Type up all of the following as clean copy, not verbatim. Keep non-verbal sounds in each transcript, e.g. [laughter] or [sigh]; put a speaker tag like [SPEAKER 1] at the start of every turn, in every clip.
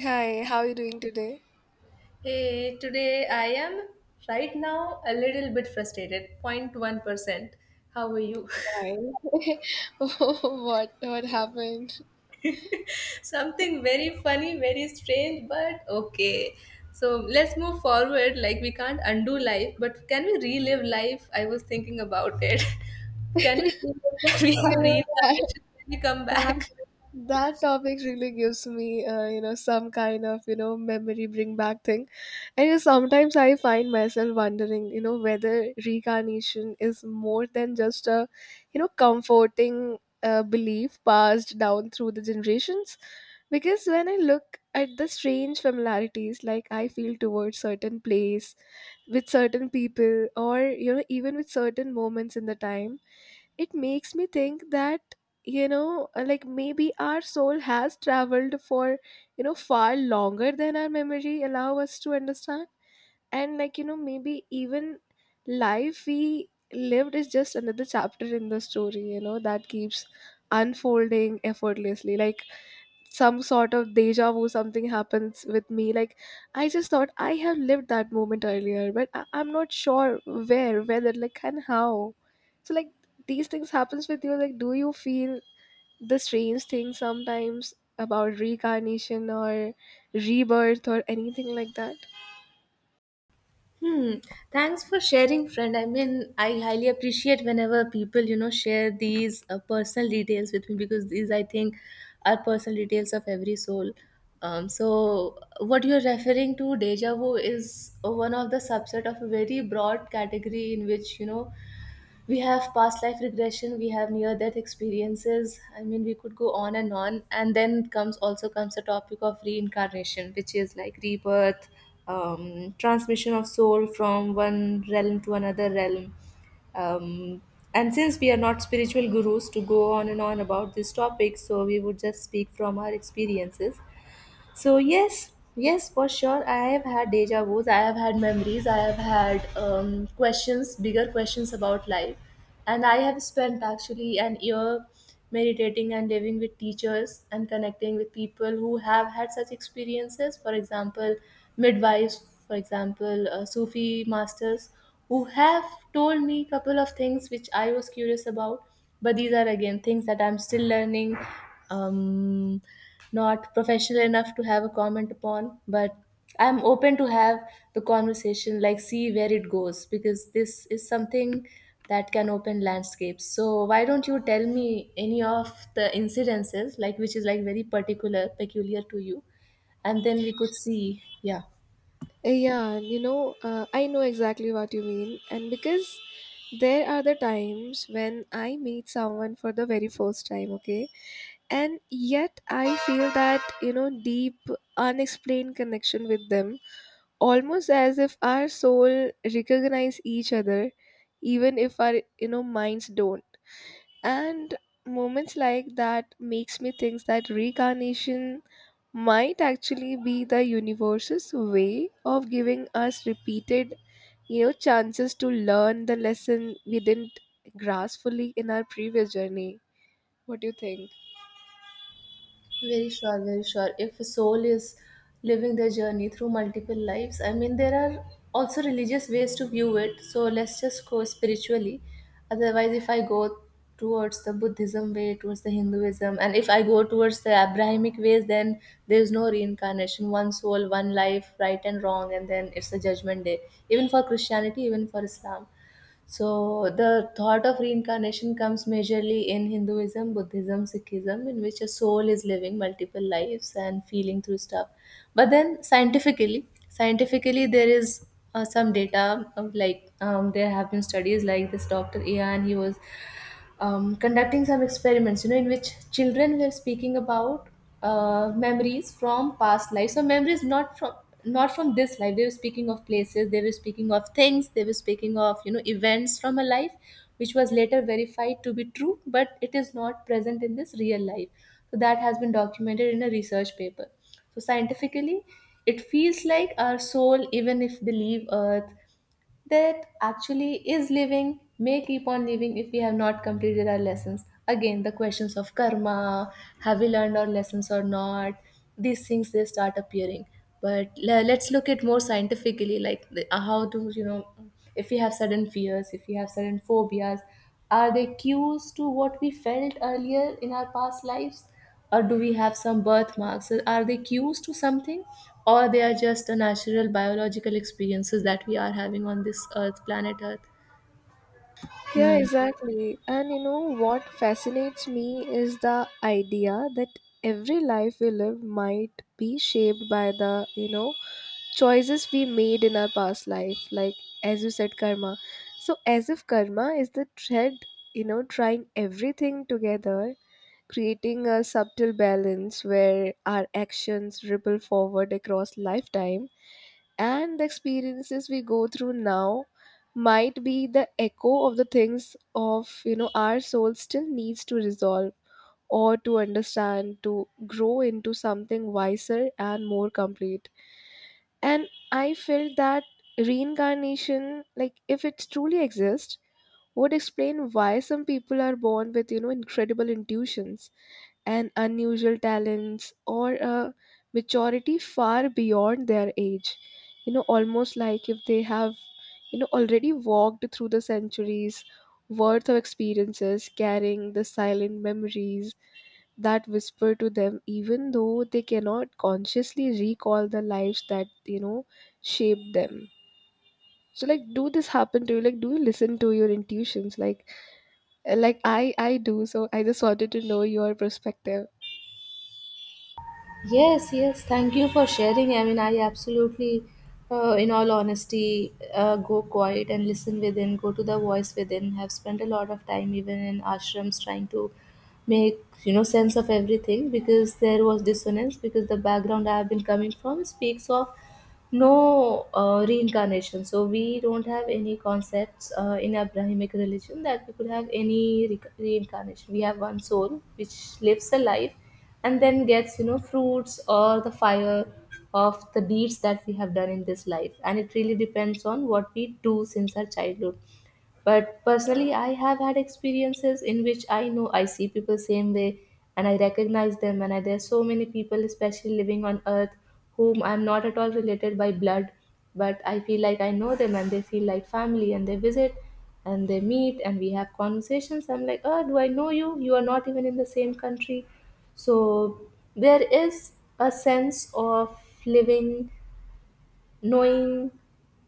[SPEAKER 1] Hi, how are you doing today?
[SPEAKER 2] Hey, today I am right now a little bit frustrated, 0.1%. How are you?
[SPEAKER 1] Why? [laughs] What happened?
[SPEAKER 2] [laughs] Something very funny, very strange, but okay. So let's move forward. Like, we can't undo life, but can we relive life? I was thinking about it. [laughs] Can we
[SPEAKER 1] You
[SPEAKER 2] have
[SPEAKER 1] know, that,
[SPEAKER 2] reincarnation? Can we come
[SPEAKER 1] that
[SPEAKER 2] back?
[SPEAKER 1] that topic really gives me some kind of memory bring back thing. And sometimes I find myself wondering, you know, whether reincarnation is more than just a, you know, comforting belief passed down through the generations. Because when I look at the strange familiarities, like I feel towards certain place, with certain people, or you know, even with certain moments in the time, it makes me think that like maybe our soul has traveled for far longer than our memory allow us to understand, and maybe even life we lived is just another chapter in the story, that keeps unfolding effortlessly. Like some sort of deja vu, something happens with me, like I just thought I have lived that moment earlier, but I'm not sure where, whether like and how. So like these things happens with you, like do you feel the strange thing sometimes about reincarnation or rebirth or anything like that?
[SPEAKER 2] Hmm. Thanks for sharing, friend. I mean, I highly appreciate whenever people, share these personal details with me, because these, I think, are personal details of every soul. So, what you're referring to, deja vu, is one of the subset of a very broad category in which, we have past life regression, we have near death experiences. I mean, we could go on and on. And then comes the topic of reincarnation, which is like rebirth, transmission of soul from one realm to another realm. um, and since we are not spiritual gurus to go on and on about this topic, so we would just speak from our experiences. So yes, yes, for sure. I have had deja vu's. I have had memories. I have had questions, bigger questions about life, and I have spent actually an year meditating and living with teachers and connecting with people who have had such experiences. For example, midwives. For example, Sufi masters who have told me a couple of things which I was curious about. But these are again things that I'm still learning. Um, Not professional enough to have a comment upon, but I'm open to have the conversation, like see where it goes, because this is something that can open landscapes. So why don't you tell me any of the incidences, like which is like very particular, peculiar to you, and then we could see, yeah.
[SPEAKER 1] Yeah, you know, I know exactly what you mean. And because there are the times when I meet someone for the very first time, okay? And yet I feel that, you know, deep, unexplained connection with them, almost as if our soul recognize each other, even if our, you know, minds don't. And moments like that makes me think that reincarnation might actually be the universe's way of giving us repeated, chances to learn the lesson we didn't grasp fully in our previous journey. What do you think?
[SPEAKER 2] Very sure, very sure. If a soul is living their journey through multiple lives, I mean, there are also religious ways to view it. So let's just go spiritually. Otherwise, if I go towards the Buddhism way, towards the Hinduism, and if I go towards the Abrahamic ways, then there's no reincarnation, one soul, one life, right and wrong, and then it's a judgment day. Even for Christianity, even for Islam. So, the thought of reincarnation comes majorly in Hinduism, Buddhism, Sikhism, in which a soul is living multiple lives and feeling through stuff. But then, scientifically, scientifically, there is some data of like there have been studies like this Doctor Ian. He was conducting some experiments, you know, in which children were speaking about memories from past life. So memories not from this life. They were speaking of places. They were speaking of things. They were speaking of, you know, events from a life, which was later verified to be true, but it is not present in this real life. So that has been documented in a research paper. So scientifically, it feels like our soul, even if they leave Earth that actually is living, may keep on living if we have not completed our lessons. Again, the questions of karma: have we learned our lessons or not? These things, they start appearing. But let's look at more scientifically, like, the, how do you know if we have sudden fears, if we have sudden phobias, are they cues to what we felt earlier in our past lives? Or do we have some birthmarks? Are they cues to something? Or they are just a natural biological experiences that we are having on this earth, planet earth.
[SPEAKER 1] Yeah,
[SPEAKER 2] Mm.
[SPEAKER 1] exactly. And you know what fascinates me is the idea that every life we live might be shaped by the, choices we made in our past life, like as you said, karma. So as if karma is the thread, you know, trying everything together, creating a subtle balance where our actions ripple forward across lifetime. And the experiences we go through now might be the echo of the things of, our soul still needs to resolve, or to understand, to grow into something wiser and more complete. And I felt that reincarnation, like if it truly exists, would explain why some people are born with, you know, incredible intuitions and unusual talents, or a maturity far beyond their age. You know, almost like if they have, you know, already walked through the centuries worth of experiences, carrying the silent memories that whisper to them, even though they cannot consciously recall the lives that, shaped them. So like, do this happen to you? Like, do you listen to your intuitions? Like, like I do, so I just wanted to know your perspective.
[SPEAKER 2] Yes, yes. Thank you for sharing. I mean, I absolutely, in all honesty, go quiet and listen within, go to the voice within. Have spent a lot of time even in ashrams trying to make, you know, sense of everything, because there was dissonance, because the background I have been coming from speaks of no reincarnation. So we don't have any concepts in Abrahamic religion that we could have any reincarnation. We have one soul which lives a life and then gets, you know, fruits or the fire of the deeds that we have done in this life, and it really depends on what we do since our childhood. But personally, I have had experiences in which I know I see people same way and I recognize them. And I, there are so many people, especially living on earth, whom I'm not at all related by blood, but I feel like I know them and they feel like family, and they visit and they meet and we have conversations. I'm like, oh, do I know you? You are not even in the same country. So there is a sense of living, knowing,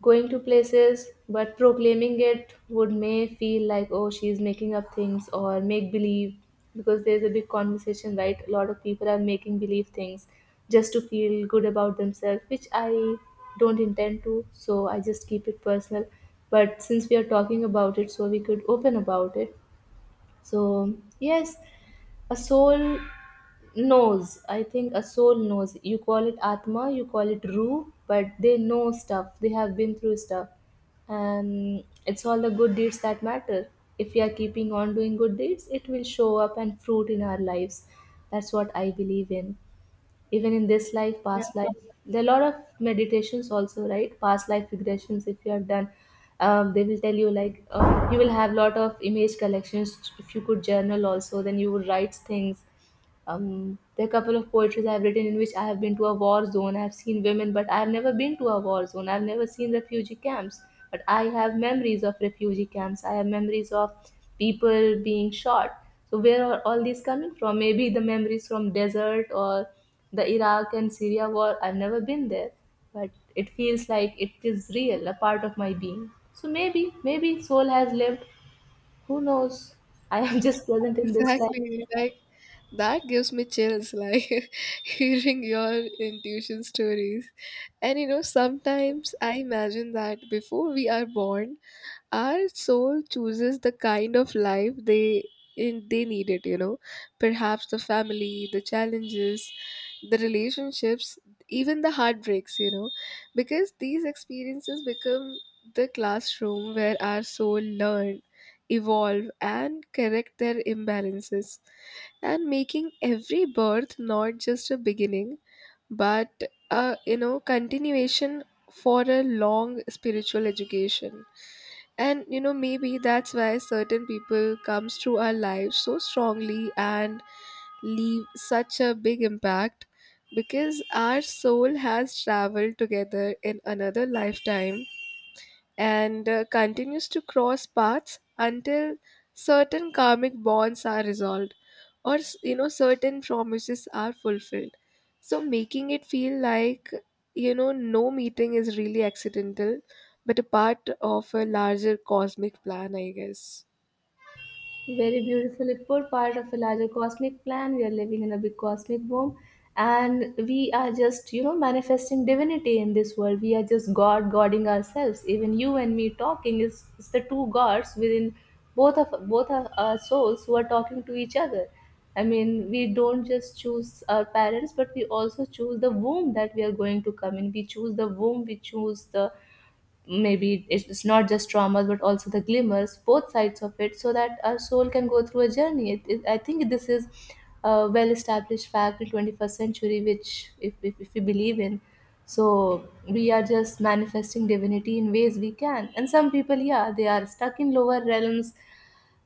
[SPEAKER 2] going to places, but proclaiming it would may feel like, oh, she's making up things or make believe, because there's a big conversation, right? A lot of people are making believe things just to feel good about themselves, which I don't intend to, so I just keep it personal. But since we are talking about it, so we could open about it. So yes, a soul knows. I think a soul knows. You call it Atma, you call it Ru, but they know stuff. They have been through stuff. And it's all the good deeds that matter. If we are keeping on doing good deeds, it will show up and fruit in our lives. That's what I believe in. Even in this life,
[SPEAKER 1] Yeah,
[SPEAKER 2] past life, there are a lot of meditations also, right? Past life regressions, if you have done, they will tell you like you will have lot of image collections. If you could journal also, then you would write things. There are a couple of poetries I've written in which I have been to a war zone. I've seen women, but I've never been to a war zone. I've never seen refugee camps, but I have memories of refugee camps. I have memories of people being shot. So where are all these coming from? Maybe the memories from desert or the Iraq and Syria war. I've never been there, but it feels like it is real, a part of my being. So maybe, maybe soul has lived. Who knows? I am [laughs] just present in this life.
[SPEAKER 1] exactly. Like that gives me chills, like [laughs] hearing your intuition stories. And you know, sometimes I imagine that before we are born, our soul chooses the kind of life they in, they need it. You know, perhaps the family, the challenges, the relationships, even the heartbreaks, you know, because these experiences become the classroom where our soul learn, evolve, and correct their imbalances, and making every birth not just a beginning, but a, you know, continuation for a long spiritual education. And you know, maybe that's why certain people comes through our lives so strongly and leave such a big impact, because our soul has traveled together in another lifetime, and continues to cross paths until certain karmic bonds are resolved, or you know, certain promises are fulfilled. So making it feel like, you know, no meeting is really accidental, but a part of a larger cosmic plan, I guess.
[SPEAKER 2] Very beautifully put, part of a larger cosmic plan. We are living in a big cosmic boom, and we are just, you know, manifesting divinity in this world. We are just God, godding ourselves. Even you and me talking is the two gods within both of our souls who are talking to each other. I mean, we don't just choose our parents, but we also choose the womb that we are going to come in. We choose the womb, we choose the, maybe it's not just traumas but also the glimmers, both sides of it, so that our soul can go through a journey. I think this is a well established fact in 21st century, which, if we believe in. So we are just manifesting divinity in ways we can, and some people, yeah, they are stuck in lower realms,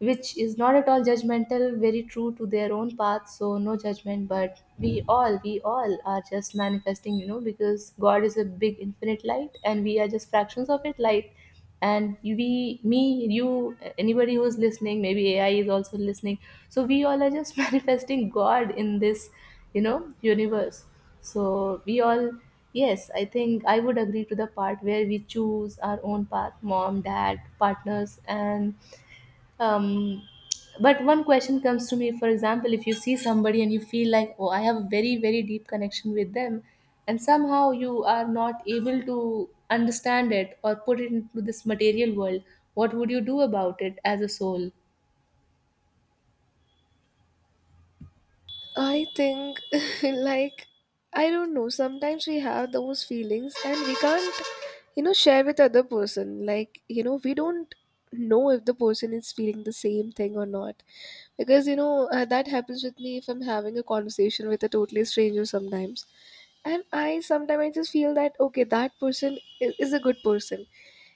[SPEAKER 2] which is not at all judgmental, very true to their own path. So no judgment, but we all are just manifesting, you know, because God is a big infinite light and we are just fractions of it light. And we, me, you, anybody who's listening, maybe AI is also listening. So we all are just [laughs] manifesting God in this, you know, universe. So we all. Yes, I think I would agree to the part where we choose our own path, mom, dad, partners, and um, but one question comes to me, for example, if you see somebody and you feel like, oh, I have a very very deep connection with them, and somehow you are not able to understand it or put it into this material world, what would you do about it as a soul?
[SPEAKER 1] I think, [laughs] like, I don't know. Sometimes we have those feelings and we can't, you know, share with other person. Like, you know, we don't know if the person is feeling the same thing or not. Because, you know, that happens with me if I'm having a conversation with a totally stranger sometimes. And I sometimes I just feel that, okay, that person is a good person.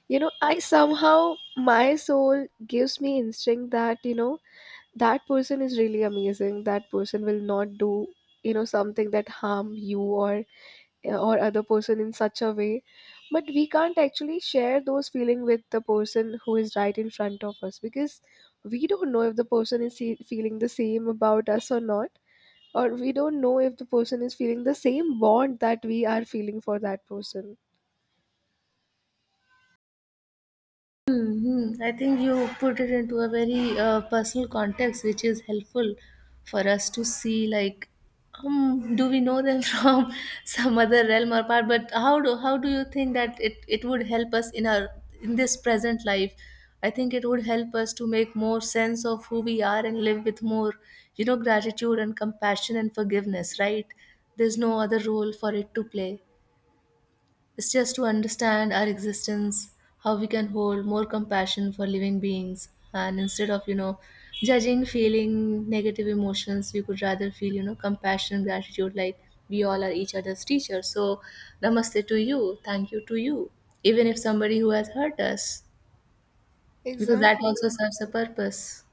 [SPEAKER 1] You know, I somehow, my soul gives me instinct that, you know, that person is really amazing, that person will not do, something that harm you or other person in such a way. But we can't actually share those feeling with the person who is right in front of us, because we don't know if the person is feeling the same about us or not, or we don't know if the person is feeling the same bond that we are feeling for that person.
[SPEAKER 2] Mhm. I think you put it into a very personal context, which is helpful for us to see, like, do we know them [laughs] from some other realm or part? But how do you think that it would help us in our in this present life? I think it would help us to make more sense of who we are and live with more, you know, gratitude and compassion and forgiveness. Right? There's no other role for it to play. It's just to understand our existence, how we can hold more compassion for living beings, and instead of, you know, judging, feeling negative emotions, we could rather feel, you know, compassion, gratitude, like we all are each other's teachers. So namaste to you, thank you to you, even if somebody who has hurt us, because that
[SPEAKER 1] Exactly.
[SPEAKER 2] also serves a purpose.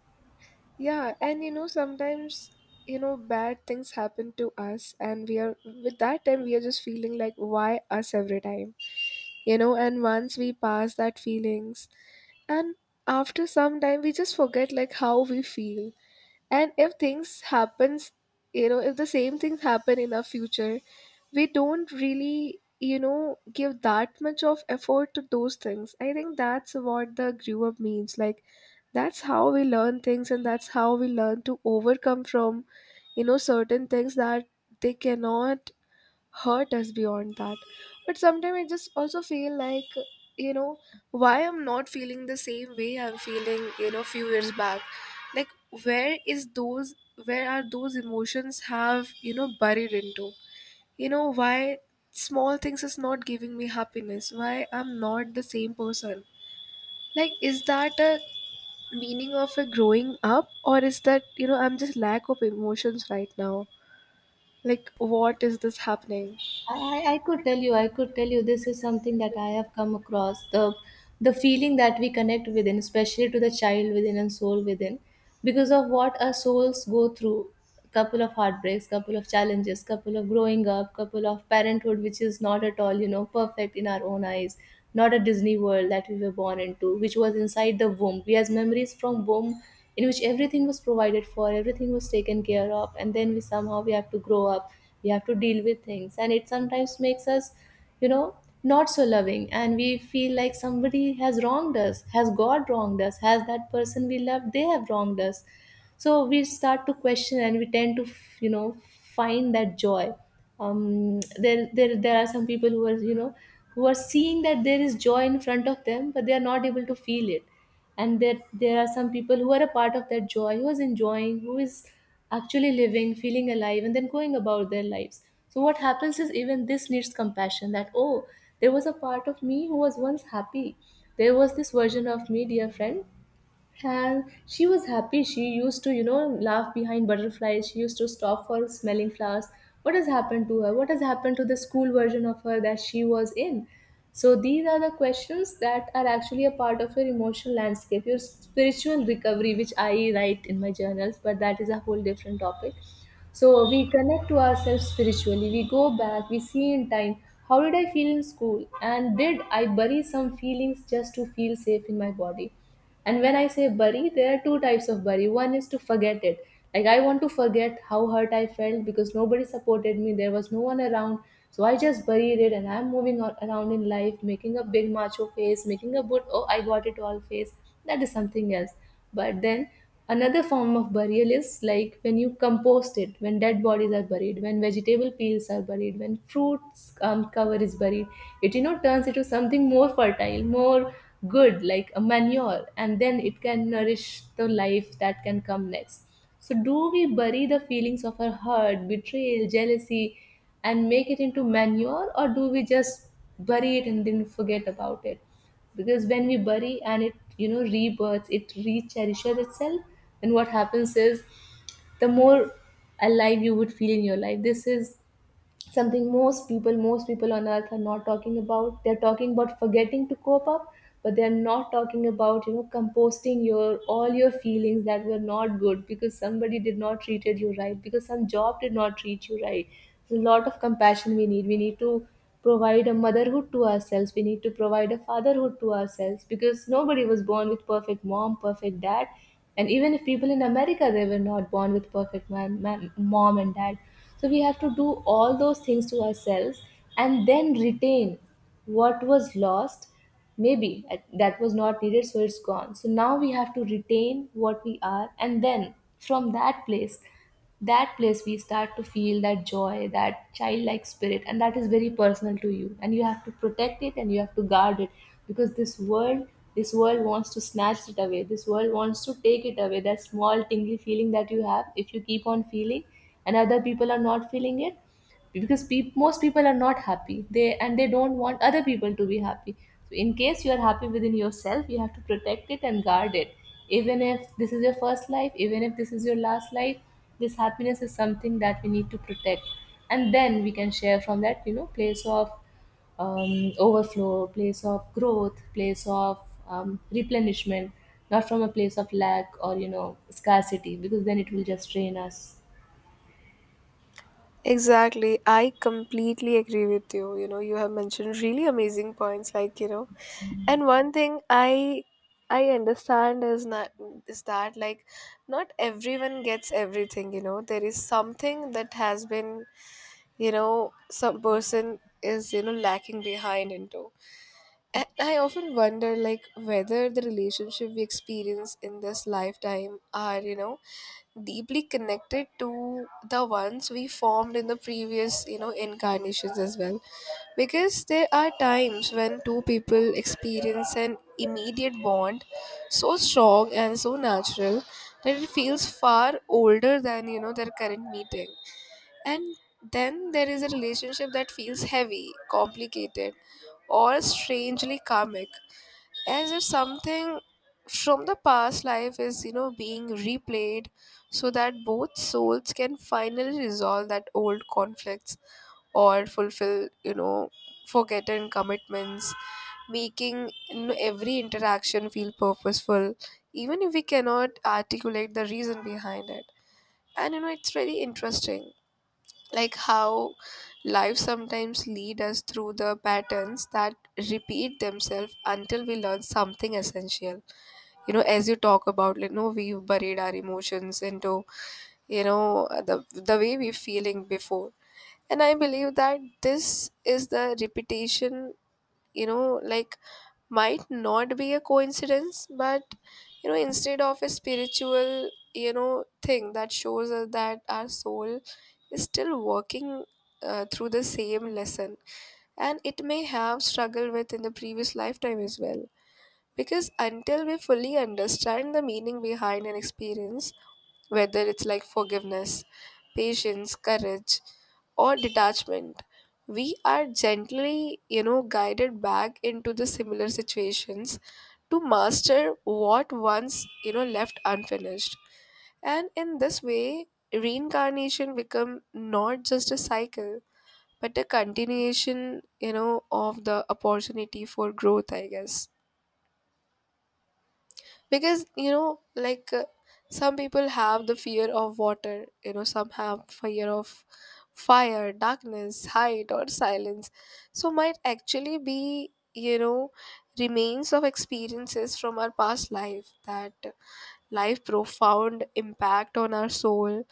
[SPEAKER 1] Yeah, and you know, sometimes, you know, bad things happen to us, and we are, with that time, we are just feeling like, why us every time? You know, and once we pass that feelings, and after some time, we just forget like how we feel. And if things happens, you know, if the same things happen in our future, we don't really, give that much of effort to those things. I think that's what the grew up means, like that's how we learn things, and that's how we learn to overcome from, certain things that they cannot hurt us beyond that. But sometimes I just also feel like, you know, why I'm not feeling the same way I'm feeling, few years back. Like, where is those, where are those emotions have, buried into? Why small things is not giving me happiness? Why I'm not the same person? Like, is that a meaning of a growing up, or is that, you know, I'm just lack of emotions right now? Like, what is this happening?
[SPEAKER 2] I could tell you, this is something that I have come across. The feeling that we connect within, especially to the child within and soul within, because of what our souls go through, couple of heartbreaks, couple of challenges, couple of growing up, couple of parenthood, which is not at all, perfect in our own eyes, not a Disney world that we were born into, which was inside the womb. We have memories from womb in which everything was provided for, everything was taken care of, and then we somehow we have to grow up. We have to deal with things, and it sometimes makes us you know not so loving, and we feel like somebody has wronged us, has God wronged us, has that person we love, they have wronged us. So we start to question, and we tend to find that joy. There are some people who are seeing that there is joy in front of them, but they are not able to feel it. And there are some people who are a part of that joy, who is enjoying, who is actually living, feeling alive, and then going about their lives. So what happens is, even this needs compassion, that, oh, there was a part of me who was once happy, there was this version of me, dear friend, and she was happy. She used to, laugh behind butterflies. She used to stop for smelling flowers. What has happened to her? What has happened to the school version of her that she was in? So these are the questions that are actually a part of your emotional landscape, your spiritual recovery, which I write in my journals, but that is a whole different topic. So we connect to ourselves spiritually. We go back, we see in time how did I feel in school, and did I bury some feelings just to feel safe in my body. And when I say bury, there are two types of bury. One is to forget it. Like, I want to forget how hurt I felt because nobody supported me, there was no one around. So I just buried it and I'm moving on, around in life, making a big macho face, making a good, oh, I got it all face. That is something else. But then another form of burial is like when you compost it, when dead bodies are buried, when vegetable peels are buried, when fruits cover is buried, it turns into something more fertile, more good, like a manure, and then it can nourish the life that can come next. So do we bury the feelings of our hurt, betrayal, jealousy, and make it into manure, or do we just bury it and then forget about it? Because when we bury, and it rebirths, it recherishes itself. And what happens is, the more alive you would feel in your life, this is something most people on earth are not talking about. They're talking about forgetting to cope up, but they're not talking about composting your all your feelings that were not good, because somebody did not treated you right, because some job did not treat you right. There's a lot of compassion, we need to provide a motherhood to ourselves, we need to provide a fatherhood to ourselves, because nobody was born with perfect mom, perfect dad. And even if people in America, they were not born with perfect mom and dad. So we have to do all those things to ourselves and then retain what was lost. Maybe that was not needed, so it's gone. So now we have to retain what we are, and then from that place we start to feel that joy, that childlike spirit. And that is very personal to you, and you have to protect it and you have to guard it, because this world wants to snatch it away, this world wants to take it away, that small tingly feeling that you have, if you keep on feeling and other people are not feeling it, because peop most people are not happy, they and they don't want other people to be happy. So in case you are happy within yourself, you have to protect it and guard it, even if this is your first life, even if this is your last life. This happiness is something that we need to protect, and then we can share from that place of overflow, place of growth, place of replenishment, not from a place of lack or scarcity, because then it will just drain us.
[SPEAKER 1] Exactly. I completely agree with you. You know, you have mentioned really amazing points like, you know, and one thing I understand is not, is that like not everyone gets everything, you know. There is something that has been, you know, some person is, you know, lacking behind into. And I often wonder like whether the relationship we experience in this lifetime are, you know, deeply connected to the ones we formed in the previous, you know, incarnations as well. Because there are times when two people experience an immediate bond so strong and so natural that it feels far older than, you know, their current meeting. And then there is a relationship that feels heavy, complicated, or strangely karmic, as if something from the past life is, you know, being replayed so that both souls can finally resolve that old conflicts, or fulfill, you know, forgotten commitments, making, you know, every interaction feel purposeful, even if we cannot articulate the reason behind it. And you know, it's really interesting like how life sometimes lead us through the patterns that repeat themselves until we learn something essential. You know, as you talk about, like, no, we've buried our emotions into, you know, the way we're feeling before. And I believe that this is the repetition, you know, like might not be a coincidence, but, you know, instead of a spiritual, you know, thing that shows us that our soul is still working, through the same lesson, and it may have struggled with in the previous lifetime as well. Because until we fully understand the meaning behind an experience, whether it's like forgiveness, patience, courage, or detachment, we are gently, you know, guided back into the similar situations to master what once, you know, left unfinished. And in this way, reincarnation become not just a cycle, but a continuation, you know, of the opportunity for growth, I guess. Because you know like, some people have the fear of water, you know, some have fear of fire, darkness, height, or silence. So might actually be, you know, remains of experiences from our past life that life profound impact on our soul.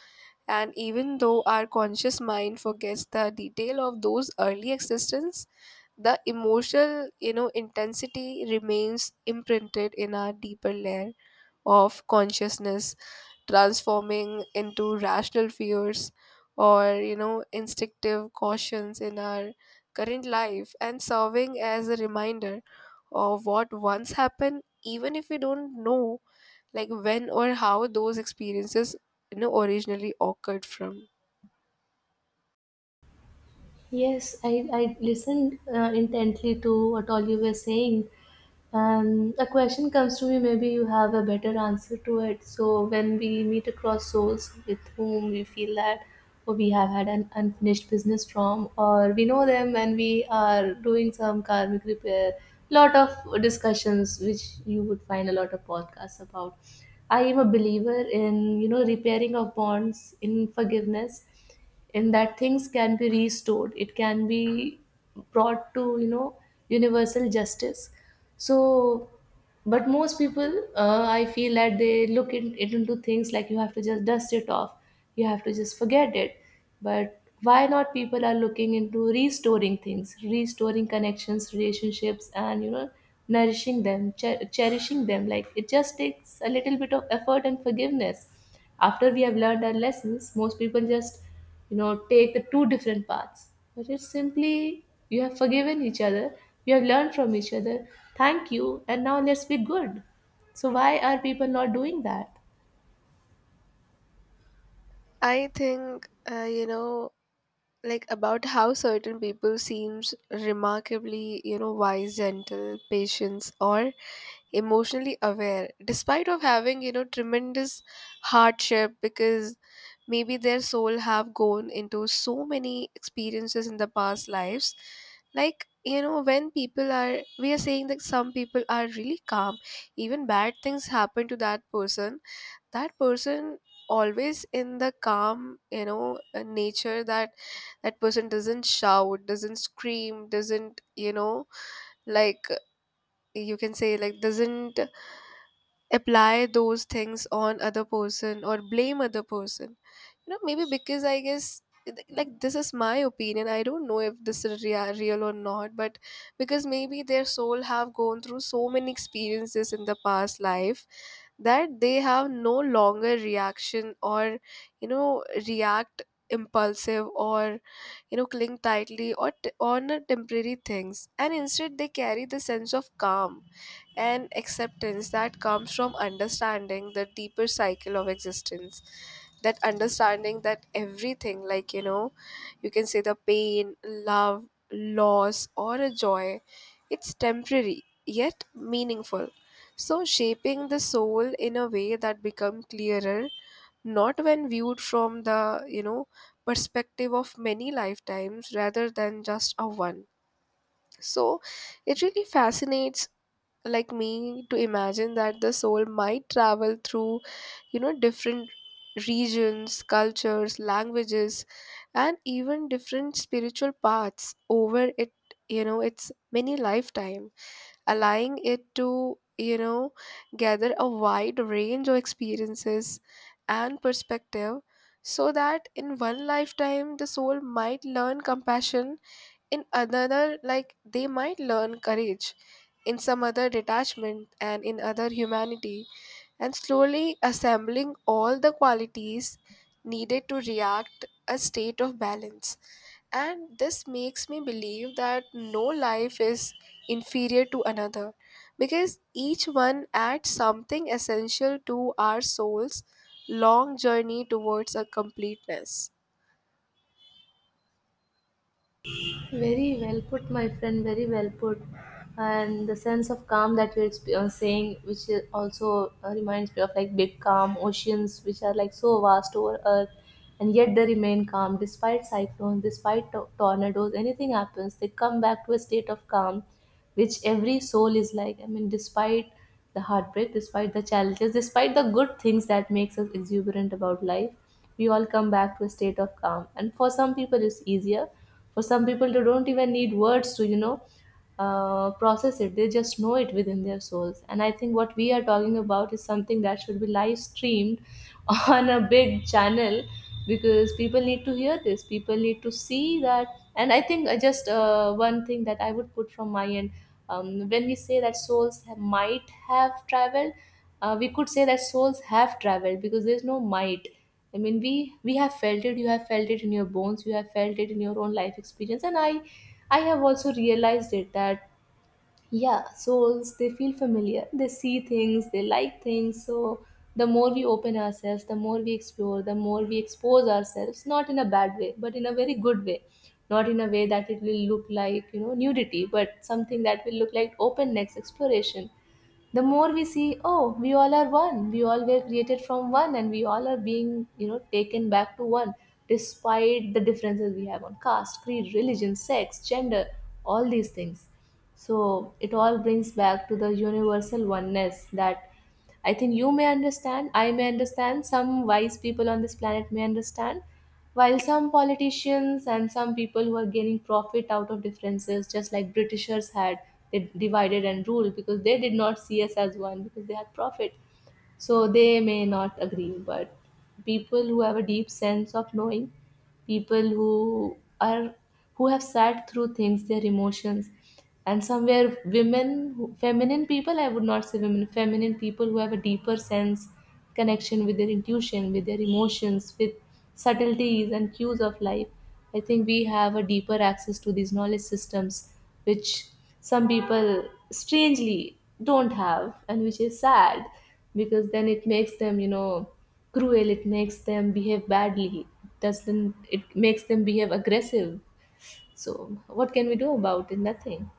[SPEAKER 1] And even though our conscious mind forgets the detail of those early existence, the emotional, you know, intensity remains imprinted in our deeper layer of consciousness, transforming into rational fears or, you know, instinctive cautions in our current life, and serving as a reminder of what once happened, even if we don't know like when or how those experiences, you know, originally occurred from.
[SPEAKER 2] Yes, I listened intently to what all you were saying. A question comes to me, maybe you have a better answer to it. So, when we meet across souls with whom we feel that, oh, we have had an unfinished business from, or we know them and we are doing some karmic repair, lot of discussions which you would find a lot of podcasts about. I am a believer in repairing of bonds in forgiveness, and that things can be restored, it can be brought to universal justice. So, but most people, I feel that they look in, it into things, like you have to just dust it off, you have to just forget it. But why not people are looking into restoring things, restoring connections, relationships, and nourishing them, cherishing them, like it just takes a little bit of effort and forgiveness after we have learned our lessons. Most people just take the two different paths, but it's simply you have forgiven each other, you have learned from each other, thank you, and now let's be good. So why are people not doing that?
[SPEAKER 1] I think, you know, like about how certain people seems remarkably, you know, wise, gentle, patience, or emotionally aware despite of having, you know, tremendous hardship. Because maybe their soul have gone into so many experiences in the past lives. Like, you know, when people are, we are saying that some people are really calm, even bad things happen to that person, that person always in the calm, nature, that that person doesn't shout, doesn't scream, doesn't, you know, like you can say like doesn't apply those things on other person or blame other person. You know, maybe because I guess, like this is my opinion, I don't know if this is real or not, but because maybe their soul have gone through so many experiences in the past life that they have no longer reaction, or, you know, react impulsive, or, you know, cling tightly or on a temporary things, and instead they carry the sense of calm and acceptance that comes from understanding the deeper cycle of existence. That understanding that everything, like, you know, you can say the pain, love, loss, or a joy, it's temporary yet meaningful. So shaping the soul in a way that become clearer not when viewed from the, you know, perspective of many lifetimes rather than just a one. So it really fascinates like me to imagine that the soul might travel through, you know, different regions, cultures, languages, and even different spiritual paths over it, you know, its many lifetime, allowing it to, you know, gather a wide range of experiences and perspective. So that in one lifetime the soul might learn compassion, in another, like they might learn courage, in some other detachment, and in other humanity, and slowly assembling all the qualities needed to react a state of balance. And this makes me believe that no life is inferior to another, because each one adds something essential to our soul's long journey towards a completeness.
[SPEAKER 2] Very well put, my friend. Very well put. And the sense of calm that you're saying, which is also reminds me of like big calm oceans, which are like so vast over Earth, and yet they remain calm despite cyclones, despite tornadoes. Anything happens, they come back to a state of calm, which every soul is like, I mean, despite the heartbreak, despite the challenges, despite the good things that makes us exuberant about life, we all come back to a state of calm. And for some people it's easier, for some people they don't even need words to process it. They just know it within their souls, and I think what we are talking about is something that should be live streamed [laughs] on a big channel, because people need to hear this, people need to see that. And I think, just, one thing that I would put from my end, when we say that souls might have traveled, we could say that souls have traveled because there's no might. I mean, we have felt it, you have felt it in your bones, you have felt it in your own life experience, and I have also realized it that, yeah, souls, they feel familiar. They see things, they like things. So, the more we open ourselves, the more we explore, the more we expose ourselves, not in a bad way, but in a very good way. Not in a way that it will look like, nudity, but something that will look like openness, exploration. The more we see, oh, we all are one, we all were created from one, and we all are being taken back to one, despite the differences we have on caste, creed, religion, sex, gender, all these things. So it all brings back to the universal oneness that I think you may understand, I may understand, some wise people on this planet may understand, while some politicians and some people who are gaining profit out of differences, just like Britishers had, they divided and ruled because they did not see us as one because they had profit. So they may not agree. But people who have a deep sense of knowing, people who have sat through things, their emotions, and somewhere women, feminine people, I would not say women, feminine people who have a deeper sense, connection with their intuition, with their emotions, with subtleties and cues of life, I think we have a deeper access to these knowledge systems, which some people strangely don't have, and which is sad, because then it makes them cruel, it makes them behave badly, doesn't it, makes them behave aggressive. So what can we do about it? Nothing.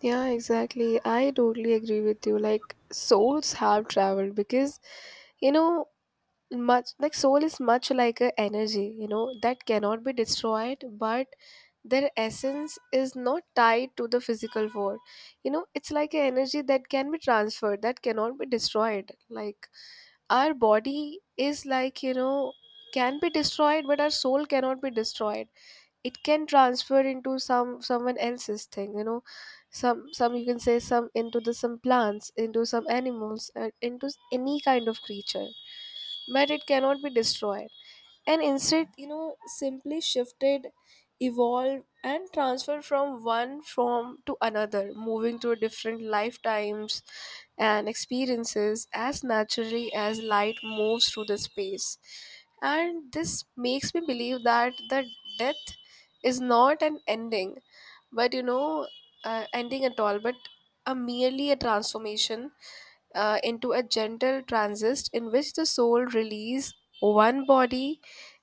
[SPEAKER 1] Yeah, exactly. I totally agree with you. Like souls have traveled because, you know, much like soul is much like a energy, you know, that cannot be destroyed, but their essence is not tied to the physical world. You know, it's like an energy that can be transferred, that cannot be destroyed. Like our body is like, you know, can be destroyed, but our soul cannot be destroyed. It can transfer into some someone else's thing, you know, some you can say, some into the some plants, into some animals, and into any kind of creature, but it cannot be destroyed, and instead, you know, simply shifted, evolved, and transferred from one form to another, moving through different lifetimes and experiences as naturally as light moves through the space. And this makes me believe that the death is not an ending, but, you know, ending at all, but a merely a transformation, into a gentle transist in which the soul release one body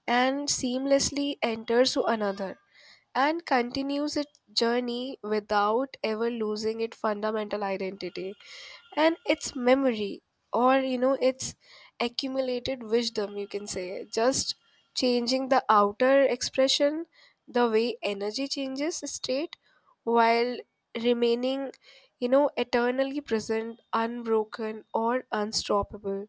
[SPEAKER 1] and seamlessly enters to another, and continues its journey without ever losing its fundamental identity and its memory, or, you know, its accumulated wisdom, you can say, just changing the outer expression the way energy changes state, while remaining, you know, eternally present, unbroken, or unstoppable.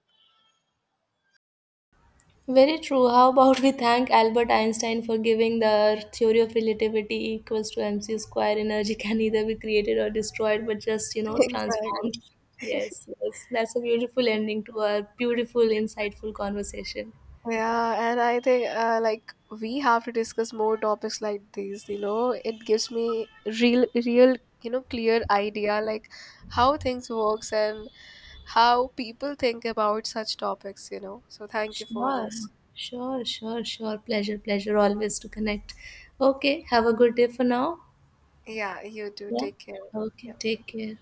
[SPEAKER 2] Very true. How about we thank Albert Einstein for giving the theory of relativity, equals to mc square? Energy can either be created or destroyed, but just,
[SPEAKER 1] Exactly.
[SPEAKER 2] transformed. Yes, yes. That's a beautiful ending to our beautiful, insightful conversation.
[SPEAKER 1] Yeah, and I think, like we have to discuss more topics like these, you know. It gives me real, you know, clear idea like how things works and how people think about such topics, you know. So thank you for
[SPEAKER 2] Sure,
[SPEAKER 1] this.
[SPEAKER 2] sure, sure, sure. Pleasure, pleasure always to connect. Okay, have a good day for now.
[SPEAKER 1] Yeah, you too.
[SPEAKER 2] Yeah.
[SPEAKER 1] Take care.
[SPEAKER 2] Okay.
[SPEAKER 1] Yeah.
[SPEAKER 2] Take care.